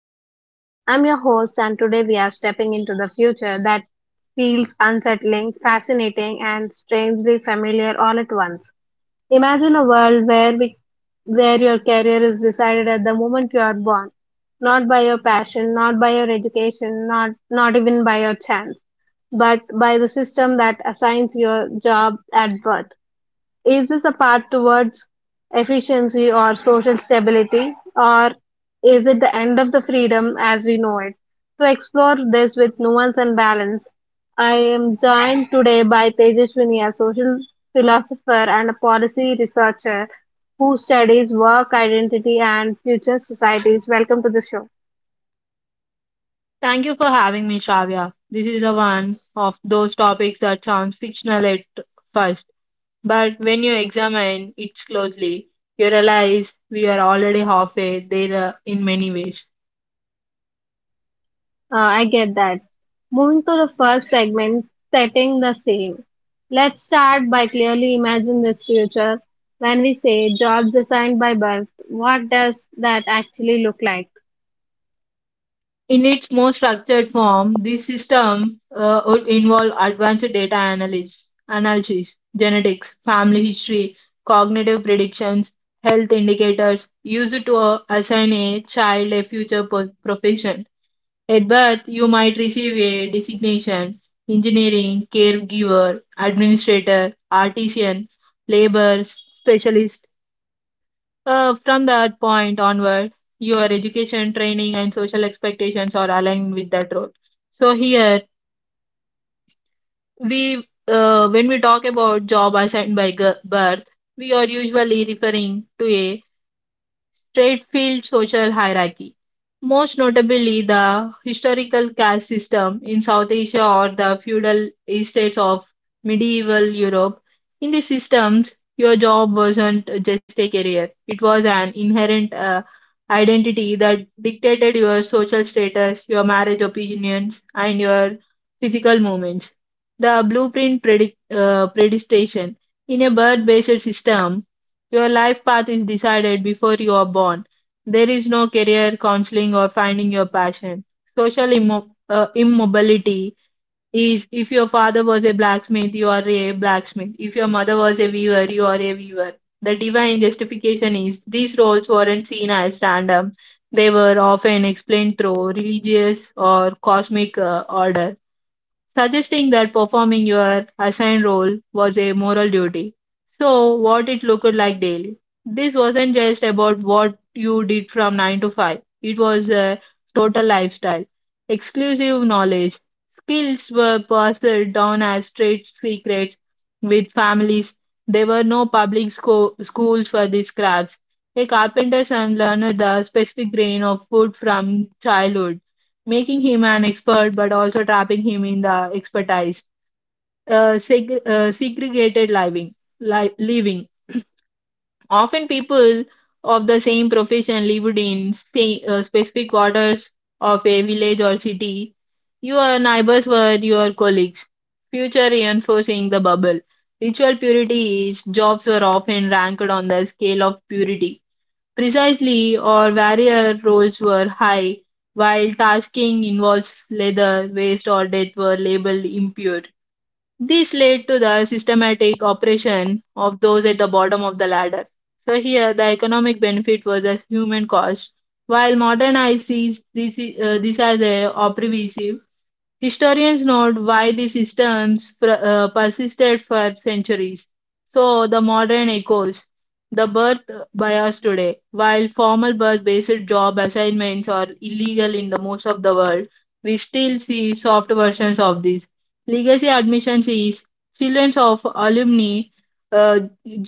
and think. I'm your host, and today we are stepping into the future that feels unsettling, fascinating, and strangely familiar all at once. Imagine a world where your career is decided at the moment you are born, not by your passion, not by your education, not even by your chance, but by the system that assigns your job at birth. Is this a path towards efficiency or social stability, or is it the end of the freedom as we know it? To explore this with nuance and balance, I am joined today by Tejaswini, a social philosopher and a policy researcher who studies work, identity, and future societies. Welcome to the show. Thank you for having me, Shravya. This is a one of those topics that sounds fictional at first, but when you examine it closely, you realize we are already halfway there in many ways. I get that. Moving to the first segment, setting the same. Let's start by clearly imagine this future. When we say jobs assigned by birth, what does that actually look like? In its more structured form, this system would involve advanced data analysis, genetics, family history, cognitive predictions, health indicators used to assign a child a future profession. At birth, you might receive a designation: engineering, caregiver, administrator, artisan, labor specialist. From that point onward, your education, training, and social expectations are aligned with that role. So, here we when we talk about job assigned by birth, we are usually referring to a Straightfield social hierarchy, most notably the historical caste system in South Asia or the feudal estates of medieval Europe. In these systems, your job wasn't just a career, it was an inherent identity that dictated your social status, your marriage opinions, and your physical movements. The blueprint predestation. In a birth based system, your life path is decided before you are born. There is no career counseling or finding your passion. Social immobility is, if your father was a blacksmith, you are a blacksmith. If your mother was a weaver, you are a weaver. The divine justification is, these roles weren't seen as random. They were often explained through religious or cosmic order, suggesting that performing your assigned role was a moral duty. So, what it looked like daily. This wasn't just about what you did from 9 to 5, it was a total lifestyle. Exclusive knowledge. Skills were passed down as trade secrets with families. There were no public schools for these crafts. A carpenter's son learned the specific grain of wood from childhood, making him an expert but also trapping him in the expertise. Segregated living. Often people of the same profession lived in specific quarters of a village or city. Your neighbors were your colleagues. Future reinforcing the bubble. Ritual purity is, jobs were often ranked on the scale of purity. Precisely, or warrior roles were high, while tasking involves leather, waste, or death were labeled impure. This led to the systematic oppression of those at the bottom of the ladder. So here, the economic benefit was a human cost, while modern ICs this is, these are the oppressive. Historians note why these systems persisted for centuries. So, the modern echoes, the birth bias today. While formal birth based job assignments are illegal in the most of the world, we still see soft versions of this. Legacy admissions is children of alumni uh,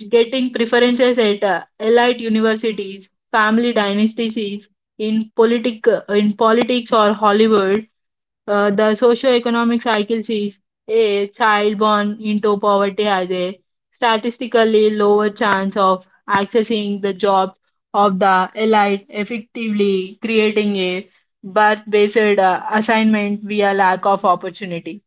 getting preferences at elite universities, family dynasties is in politic in politics or Hollywood, the socioeconomic cycle sees a child born into poverty has a statistically lower chance of accessing the jobs of the elite, effectively creating a birth-based assignment via lack of opportunity.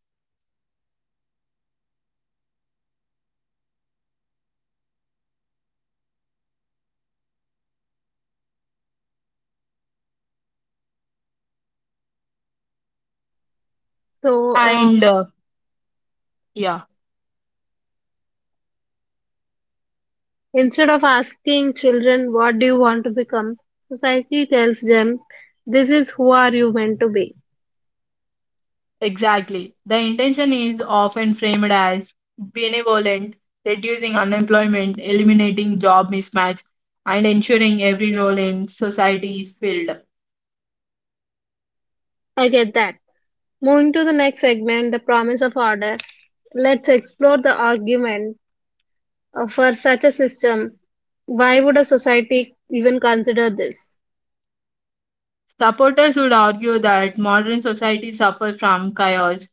So And um, uh, yeah, instead of asking children, what do you want to become? Society tells them, this is who are you meant to be. exactly. The intention is often framed as benevolent, reducing unemployment, eliminating job mismatch, and ensuring every role in society is filled. I get that. Moving to the next segment, the promise of order. Let's explore the argument for such a system, why would a society even consider this? Supporters would argue that modern society suffers from chaos.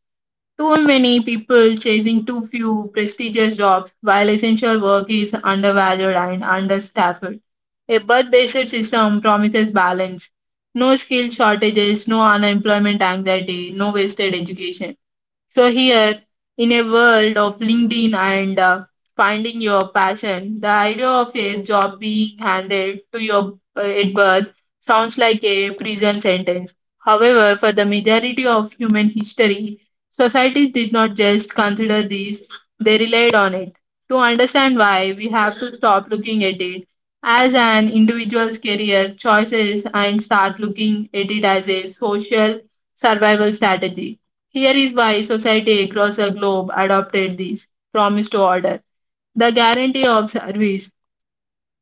Too many people chasing too few prestigious jobs, while essential work is undervalued and understaffed. A birth based system promises balance: no skill shortages, no unemployment anxiety, no wasted education. So here, in a world of LinkedIn and finding your passion, the idea of a job being handed to your at birth sounds like a prison sentence. However, for the majority of human history, societies did not just consider this; they relied on it. To understand why, we have to stop looking at it as an individual's career choices and start looking at it as a social survival strategy. Here is why society across the globe adopted this promise to order, the guarantee of service.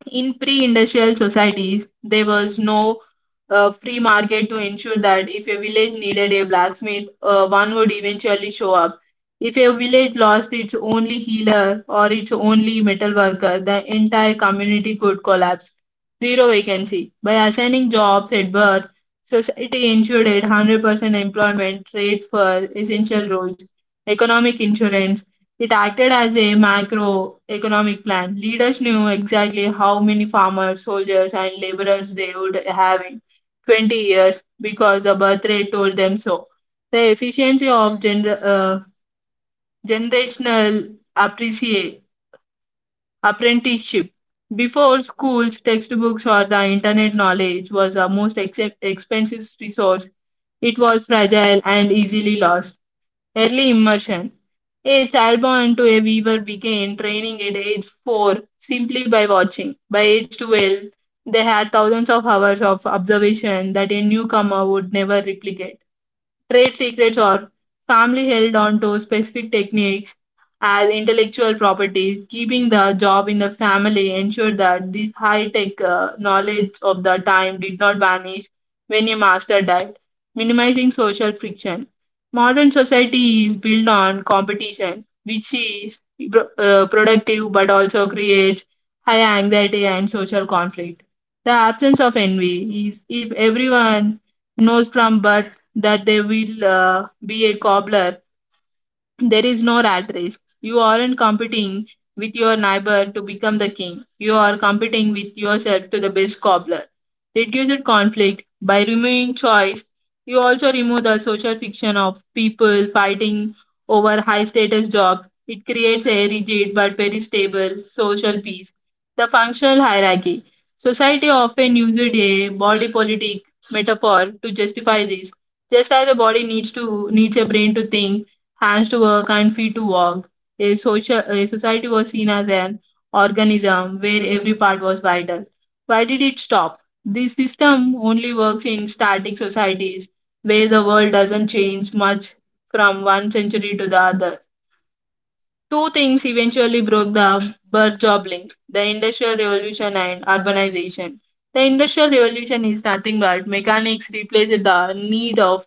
In pre-industrial societies, there was no free market to ensure that if a village needed a blacksmith, one would eventually show up. If a village lost its only healer or its only metal worker, the entire community could collapse. Zero vacancy. By assigning jobs at birth, society ensured a 100% employment rate for essential roles. Economic insurance, it acted as a macroeconomic plan. Leaders knew exactly how many farmers, soldiers, and laborers they would have in 20 years because the birth rate told them so. The efficiency of generational apprenticeship. Before schools, textbooks, or the internet, knowledge was the most expensive resource. It was fragile and easily lost. Early immersion. A child born to a weaver began training at age 4 simply by watching. By age 12, they had thousands of hours of observation that a newcomer would never replicate. Trade secrets are family held on to specific techniques as intellectual property. Keeping the job in the family ensured that this high tech knowledge of the time did not vanish when a master died, minimizing social friction. Modern society is built on competition, which is productive but also creates high anxiety and social conflict. The absence of envy is, if everyone knows from birth that they will be a cobbler, there is no rat race. You aren't competing with your neighbor to become the king. You are competing with yourself to the best cobbler. Reduce conflict by removing choice. You also remove the social fiction of people fighting over high status jobs. It creates a rigid but very stable social peace. The functional hierarchy. Society often uses a body politic metaphor to justify this. Just as a body needs a brain to think, hands to work and feet to walk. A society was seen as an organism where every part was vital. Why did it stop? This system only works in static societies where the world doesn't change much from one century to the other. Two things eventually broke the birth job link: the Industrial Revolution and urbanization. The Industrial Revolution is nothing but mechanics replaced the need of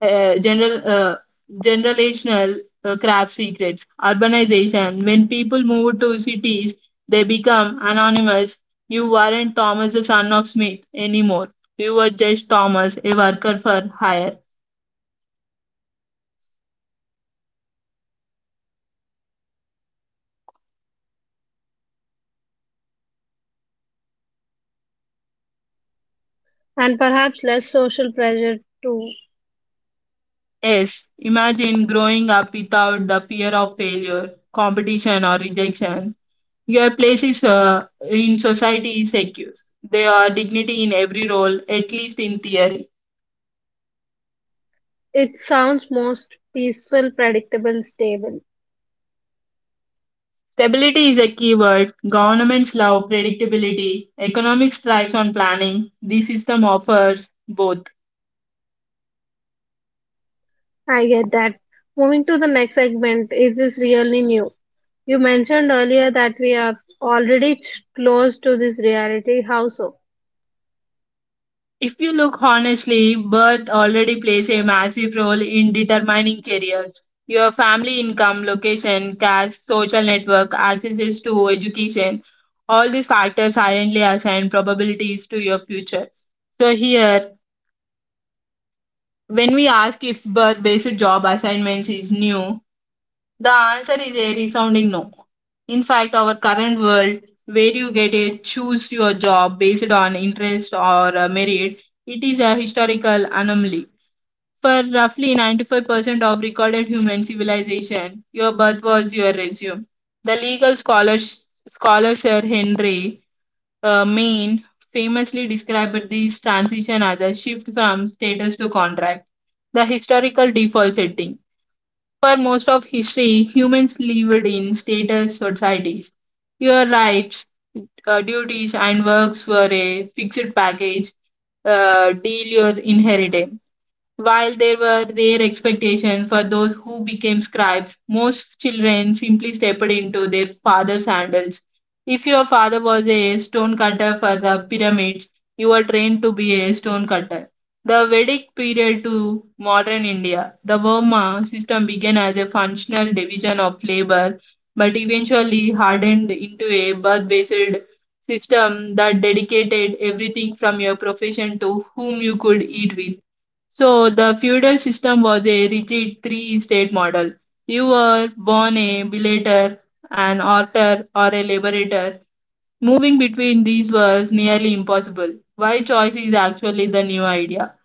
general generational craft secrets. Urbanization, when people move to cities they become anonymous. You weren't Thomas the son of Smith anymore, you were just Thomas, a worker for hire. And perhaps less social pressure too. Yes, imagine growing up without the fear of failure, competition or rejection. Your place is in society is secure. There are dignity in every role, at least in theory. It sounds most peaceful, predictable, stable. Stability is a key word. Governments love predictability. Economics thrives on planning. The system offers both. I get that. Moving to the next segment, is this really new? You mentioned earlier that we are already close to this reality. How so? If you look honestly, birth already plays a massive role in determining careers. Your family income, location, caste, social network, access to education, all these factors silently assign probabilities to your future. So, here, when we ask if birth based job assignments is new, the answer is a resounding no. In fact, our current world, where you get a choose your job based on interest or merit, it is a historical anomaly. For roughly 95% of recorded human civilization, your birth was your resume. The scholar Sir Henry Maine famously described this transition as a shift from status to contract, the historical default setting. For most of history, humans lived in status societies. Your rights, duties, and works were a fixed package deal, your inheritance. While there were rare expectations for those who became scribes, most children simply stepped into their father's sandals. If your father was a stone cutter for the pyramids, you were trained to be a stone cutter. The Vedic period to modern India, the Varma system began as a functional division of labor but eventually hardened into a birth based system that dedicated everything from your profession to whom you could eat with. So the feudal system was a rigid three-state model. You were born a belator, an orter, or a liberator. Moving between these was nearly impossible. Why choice is actually the new idea.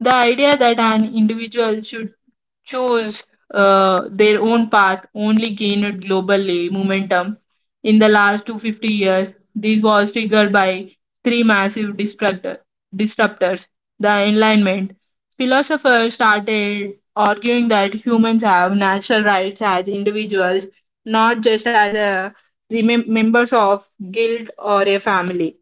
The idea that an individual should choose their own path only gained globally momentum in the last 250 years. This was triggered by three massive disruptors. The Enlightenment philosophers started arguing that humans have natural rights as individuals, not just as a members of guild or a family.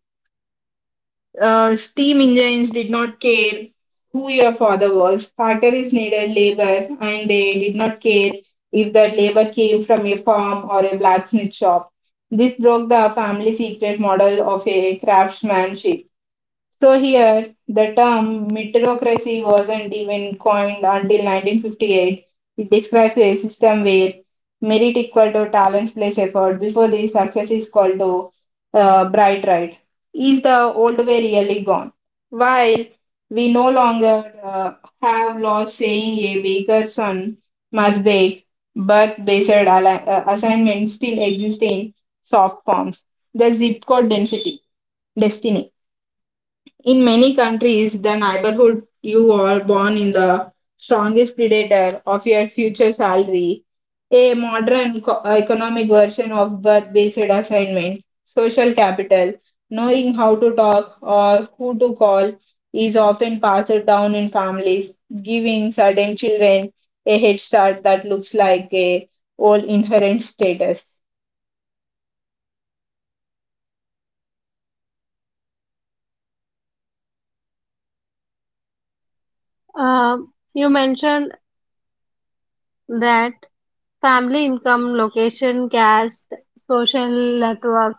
Steam engines did not care who your father was. Barter is needed labor, and they did not care if that labor came from a farm or a blacksmith shop. This broke the family secret model of a craftsmanship. So here, the term meritocracy wasn't even coined until 1958. It describes a system where merit equal to talent plus effort. Before this, success is called to bright right. Is the old way really gone? While we no longer have laws saying a baker's son must bake, but based assignments still exist in soft forms. The zip code density destiny. In many countries, the neighborhood you are born in the strongest predator of your future salary. A modern economic version of birth based assignment, social capital, knowing how to talk or who to call is often passed down in families, giving certain children a head start that looks like a old inherent status. You mentioned that family income, location, caste, social network,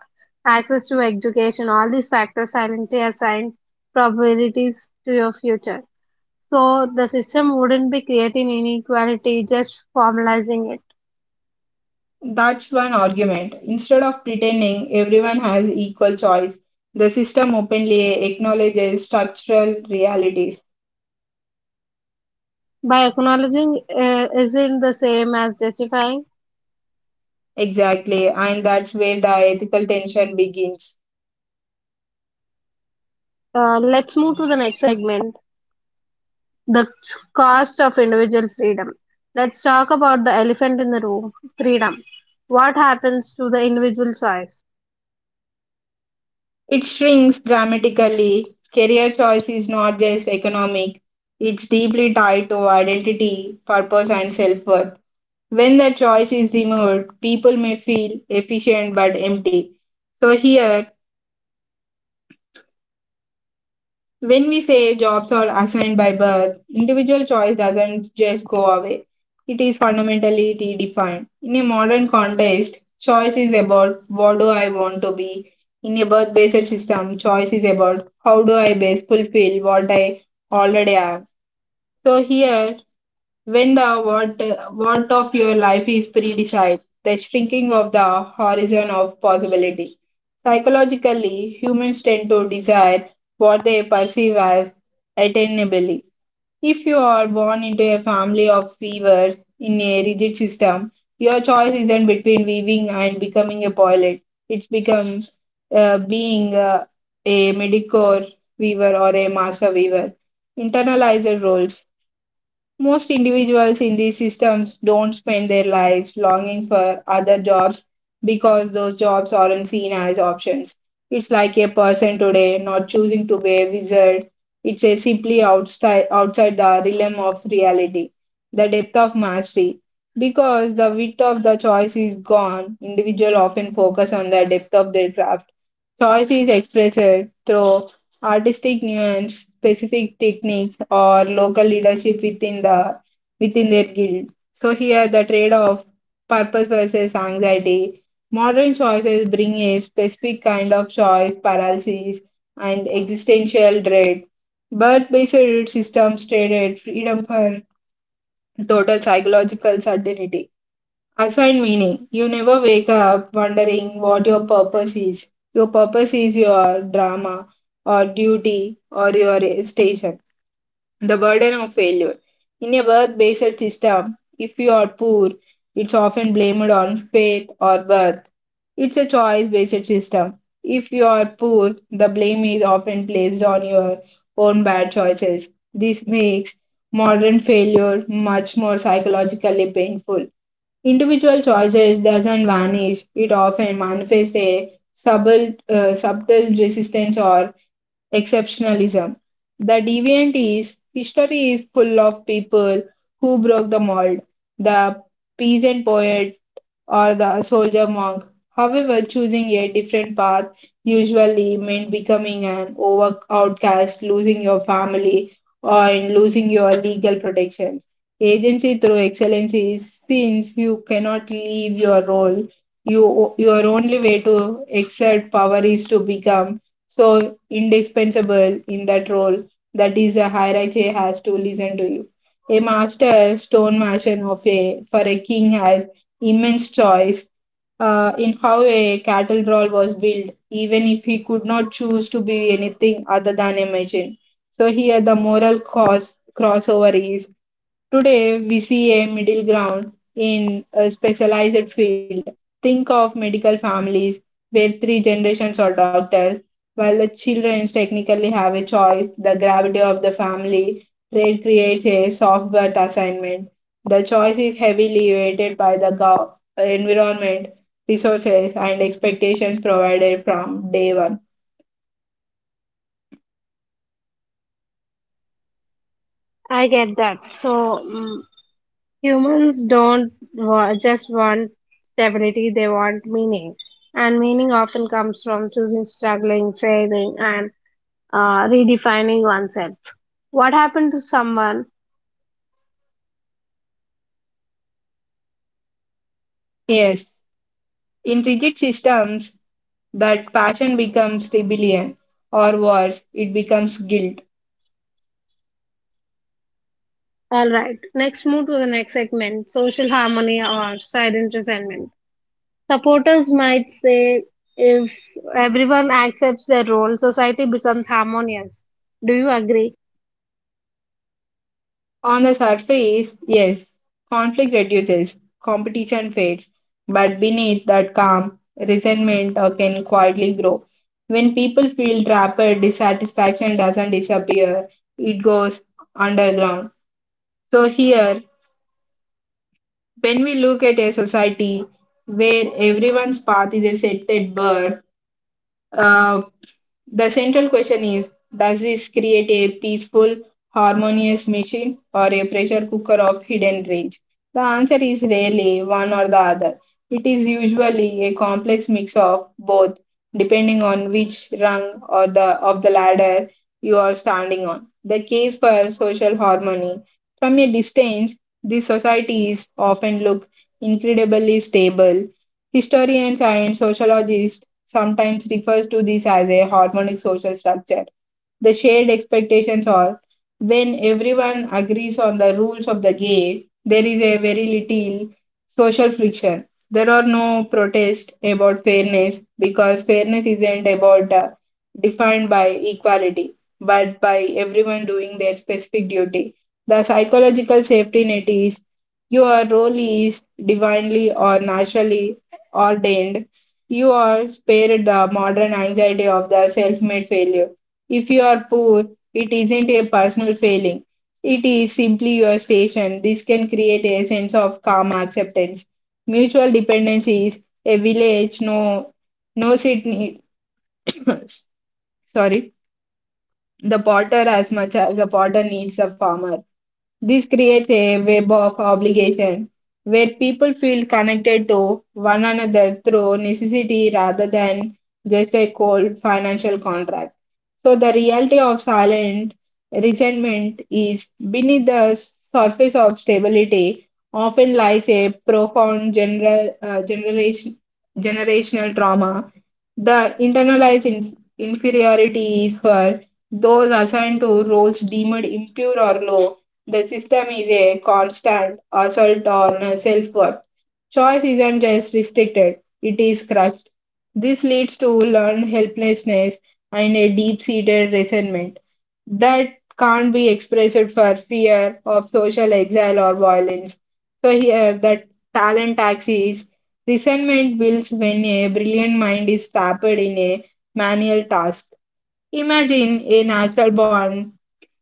access to education, all these factors silently assign probabilities to your future. So the system wouldn't be creating inequality, just formalizing it. That's one argument. Instead of pretending everyone has equal choice, the system openly acknowledges structural realities. By acknowledging isn't the same as justifying. Exactly, and that's where the ethical tension begins. Let's move to the next segment, the cost of individual freedom. Let's talk about the elephant in the room, freedom. What happens to the individual choice? It shrinks dramatically. Career choice is not just economic, it's deeply tied to identity, purpose, and self worth. When the choice is removed, people may feel efficient but empty. So, here, when we say jobs are assigned by birth, individual choice doesn't just go away. It is fundamentally redefined. In a modern context, choice is about what do I want to be. In a birth based system, choice is about how do I best fulfill what I already am. So, here when the what of your life is predecided, the shrinking of the horizon of possibility. Psychologically, humans tend to desire what they perceive as attainable. If you are born into a family of weavers in a rigid system, your choice isn't between weaving and becoming a pilot. It becomes being a medicore weaver or a master weaver. Internalized roles. Most individuals in these systems don't spend their lives longing for other jobs because those jobs aren't seen as options. It's like a person today not choosing to be a wizard. It's a simply outside the realm of reality, the depth of mastery. Because the width of the choice is gone, individuals often focus on the depth of their craft. Choice is expressed through artistic nuance, specific techniques, or local leadership within the within their guild. So here the trade-off, purpose versus anxiety. Modern choices bring a specific kind of choice paralysis and existential dread. But based systems traded freedom for total psychological certainty. I find meaning. You never wake up wondering what your purpose is. Your purpose is your drama or duty or your station. The burden of failure. In a birth based system, if you are poor, it's often blamed on fate or birth. It's a choice based system. If you are poor, the blame is often placed on your own bad choices. This makes modern failure much more psychologically painful. Individual choices doesn't vanish. It often manifests a subtle, subtle resistance or exceptionalism. The deviant is history is full of people who broke the mold. The peasant poet or the soldier monk. However, choosing a different path usually meant becoming an over outcast, losing your family, or in losing your legal protections. Agency through excellence is since you cannot leave your role, your only way to exert power is to become so indispensable in that role that is a hierarchy has to listen to you. A master stone mason of a for a king has immense choice in how a cattle drawl was built, even if he could not choose to be anything other than a machine. So here the moral crossover. Today, we see a middle ground in a specialized field. Think of medical families where three generations are doctors. While the children technically have a choice, the gravity of the family trade creates a soft birth assignment. The choice is heavily weighted by the environment, resources, and expectations provided from day one. I get that. So, mm humans don't just want stability; they want meaning, and meaning often comes from choosing, struggling, failing, and redefining oneself. What happened to someone? Yes, in rigid systems, that passion becomes rebellion, or worse, it becomes guilt. All right. Next, move to the next segment: social harmony or silent resentment. Supporters might say, if everyone accepts their role, society becomes harmonious. Do you agree? On the surface, yes, conflict reduces, competition fades, but beneath that calm, resentment can quietly grow. When people feel trapped, dissatisfaction doesn't disappear, it goes underground. So, here, when we look at a society where everyone's path is a set at birth, uh, the central question is, does this create a peaceful, harmonious machine or a pressure cooker of hidden rage? The answer is rarely one or the other. It is usually a complex mix of both, depending on which rung of the ladder you are standing on. The case for social harmony. From a distance, these societies often look incredibly stable. Historians and sociologists sometimes refers to this as a harmonic social structure. The shared expectations are when everyone agrees on the rules of the game, there is a very little social friction. There are no protests about fairness because fairness isn't about defined by equality, but by everyone doing their specific duty. The psychological safety net is your role is divinely or naturally ordained, you are spared the modern anxiety of the self made failure. If you are poor, it isn't a personal failing, it is simply your station. This can create a sense of calm acceptance. Mutual dependence is a village, no, no it city. Sorry, the potter as much as the potter needs the farmer. This creates a web of obligation where people feel connected to one another through necessity rather than just a cold financial contract. So, the reality of silent resentment is beneath the surface of stability often lies a profound generational trauma. The internalized inferiority is for those assigned to roles deemed impure or low, the system is a constant assault on self worth. Choice isn't just restricted, it is crushed. This leads to learned helplessness and a deep seated resentment that can't be expressed for fear of social exile or violence. So, here, that talent tax is resentment builds when a brilliant mind is trapped in a manual task. Imagine a natural born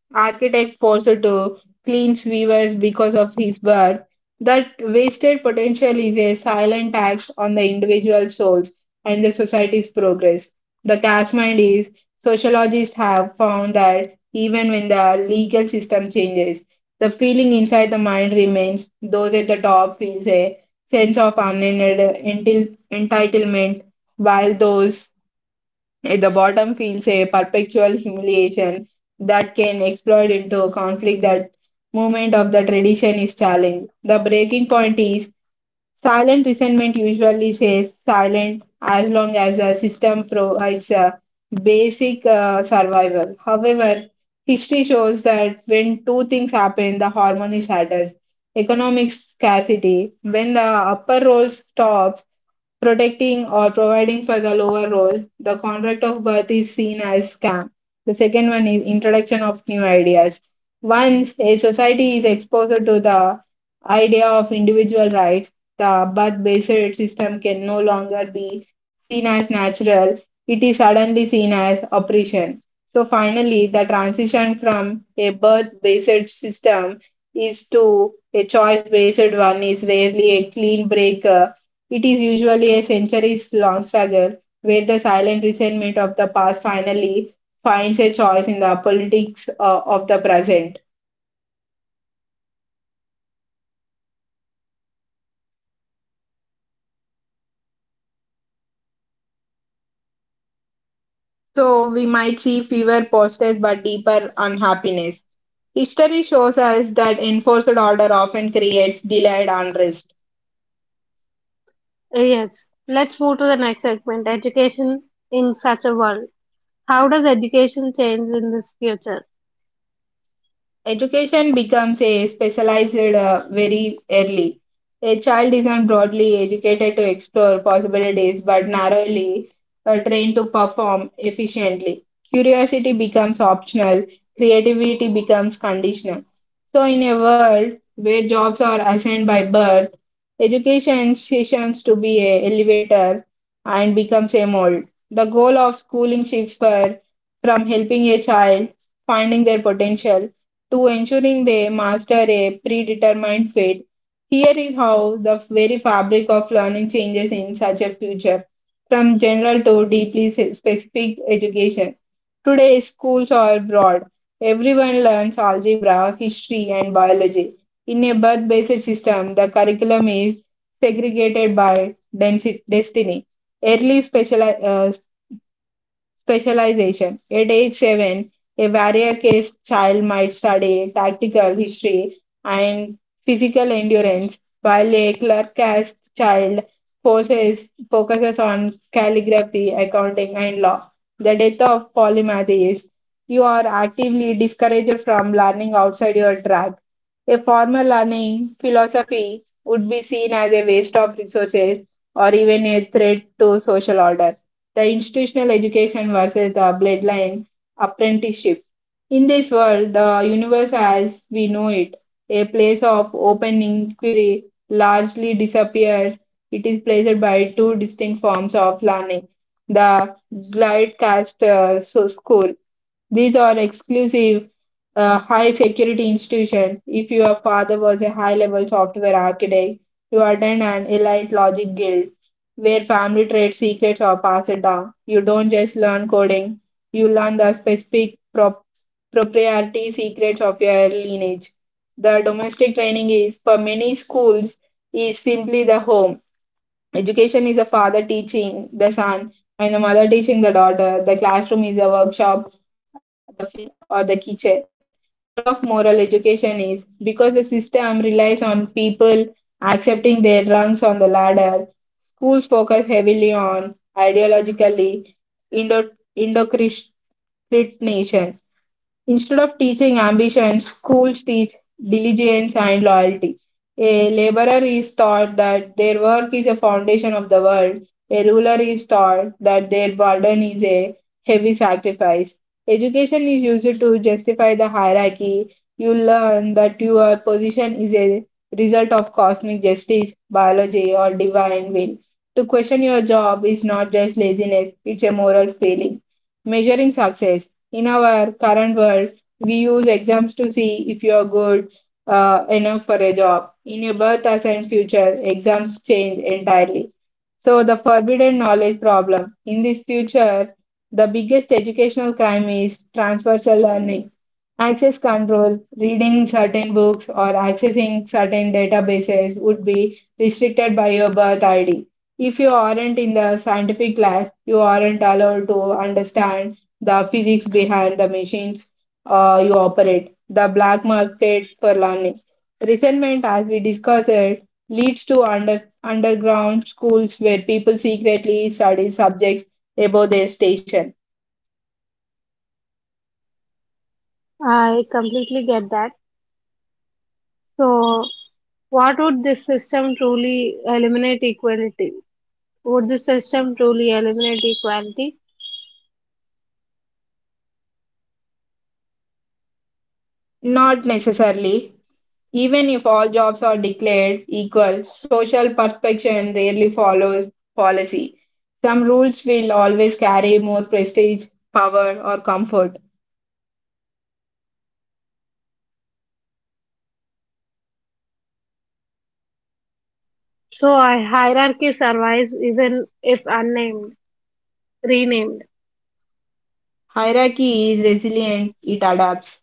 architect forced to clean sewers because of his birth. That wasted potential is a silent tax on the individual souls and the society's progress. The catchment is sociologists have found that even when the legal system changes, the feeling inside the mind remains. Those at the top feels a sense of entitlement, while those at the bottom feels a perpetual humiliation that can explode into a conflict that movement of the tradition is challenged. The breaking point is silent resentment usually says silent as long as a system provides a basic survival. However, history shows that when two things happen, the harmony shatters. Economic scarcity, when the upper role stops, protecting or providing for the lower role. The contract of birth is seen as scam. The second one is introduction of new ideas. Once a society is exposed to the idea of individual rights, the birth-based system can no longer be seen as natural. It is suddenly seen as oppression. So finally, the transition from a birth-based system is to a choice-based one is rarely a clean break, it is usually a centuries long struggle where the silent resentment of the past finally finds a choice in the politics of the present. So we might see fewer posters but deeper unhappiness. History shows us that enforced order often creates delayed unrest. Yes, let's move to the next segment, education in such a world. How does education change in this future? Education becomes a specialized very early. A child isn't broadly educated to explore possibilities but narrowly trained to perform efficiently. Curiosity becomes optional, creativity becomes conditional. So, in a world where jobs are assigned by birth, education ceases to be a elevator and becomes a mold. The goal of schooling shifts from helping a child finding their potential to ensuring they master a predetermined fate. Here is how the very fabric of learning changes in such a future, from general to deeply specific education. Today, schools are broad. Everyone learns algebra, history, and biology. In a birth based system, the curriculum is segregated by destiny. Early specialization. At age 7, a various child might study tactical history and physical endurance, while a clerk caste child focuses on calligraphy, accounting, and law. The death of polymath is you are actively discouraged from learning outside your track. A formal learning philosophy would be seen as a waste of resources or even a threat to social order, the institutional education versus the bloodline apprenticeship. In this world, the universe as we know it, a place of open inquiry, largely disappears. It is placed by two distinct forms of learning, the glide cast school, these are exclusive, high security institutions. If your father was a high level software architect, you attend an elite logic guild where family trade secrets are passed down. You don't just learn coding, you learn the specific proprietary secrets of your lineage. The domestic training is, for many schools, is simply the home. Education is a father teaching the son, and the mother teaching the daughter. The classroom is a workshop, the field, or the kitchen. The role of moral education is because the system relies on people accepting their rungs on the ladder, schools focus heavily on ideologically indo- indoctrination. Instead of teaching ambition, schools teach diligence and loyalty. A laborer is taught that their work is a foundation of the world. A ruler is taught that their burden is a heavy sacrifice. Education is used to justify the hierarchy. You learn that your position is a result of cosmic justice, biology, or divine will. To question your job is not just laziness, it's a moral failing. Measuring success in our current world, we use exams to see if you are good enough for a job. In your birth assigned future, exams change entirely. So, the forbidden knowledge problem. In this future, the biggest educational crime is transversal learning. Access control, reading certain books or accessing certain databases would be restricted by your birth ID. If you aren't in the scientific class, you aren't allowed to understand the physics behind the machines you operate, the black market for learning. Resentment, as we discussed, leads to underground schools where people secretly study subjects above their station. I completely get that. So, what would this system truly eliminate equality? Would this system truly eliminate equality? Not necessarily. Even if all jobs are declared equal, social perfection rarely follows policy. Some rules will always carry more prestige, power, or comfort. So, a hierarchy survives even if unnamed, renamed. Hierarchy is resilient, it adapts.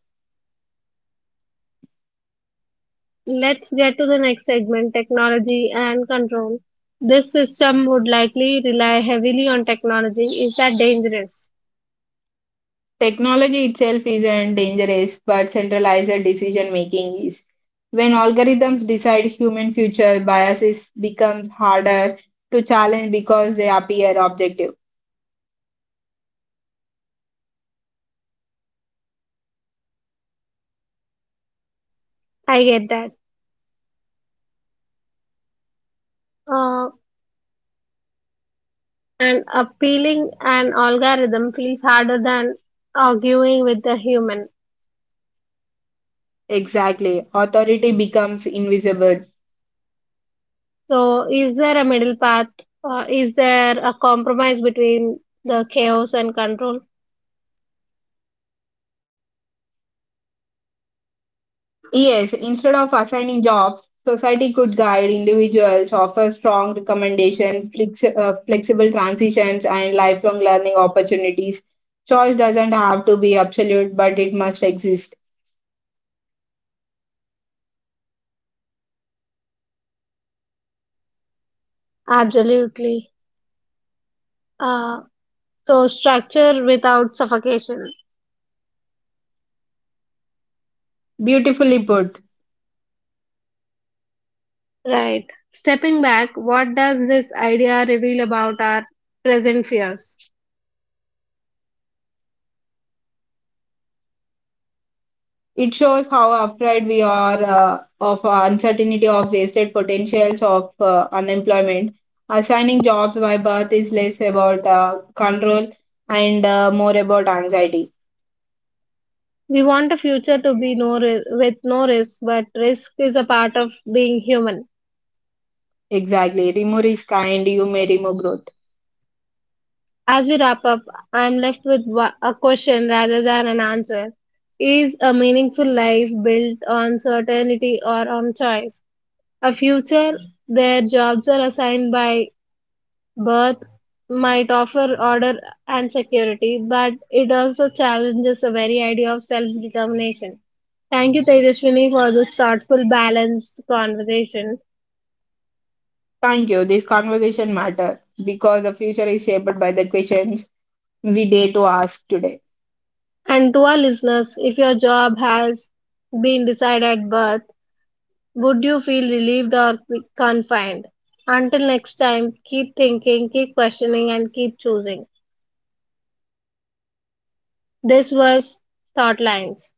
Let's get to the next segment, technology and control. This system would likely rely heavily on technology. Is that dangerous? Technology itself isn't dangerous, but centralized decision making is. When algorithms decide human future, biases becomes harder to challenge because they appear objective. I get that. Uh, and appealing an algorithm feels harder than arguing with a human. Exactly. Authority becomes invisible. So, is there a middle path? Is there a compromise between the chaos and control? Yes, instead of assigning jobs, society could guide individuals, offer strong recommendation, flexible transitions, and lifelong learning opportunities. Choice doesn't have to be absolute, but it must exist. Absolutely. Uh, so, structure without suffocation. Beautifully put. Right. Stepping back, what does this idea reveal about our present fears? It shows how afraid we are of uncertainty, of wasted potentials, of unemployment. Assigning jobs by birth is less about control and more about anxiety. We want a future to be no with no risk, but risk is a part of being human. Exactly. Remove risk and you may remove growth. As we wrap up, I am left with a question rather than an answer. Is a meaningful life built on certainty or on choice? A future where jobs are assigned by birth might offer order and security, but it also challenges the very idea of self determination. Thank you, Tejaswini, for this thoughtful, balanced conversation. Thank you. This conversation matter because the future is shaped by the questions we dare to ask today. And to our listeners, if your job has been decided at birth, would you feel relieved or confined? Until next time, keep thinking, keep questioning, and keep choosing. This was Thought Lines.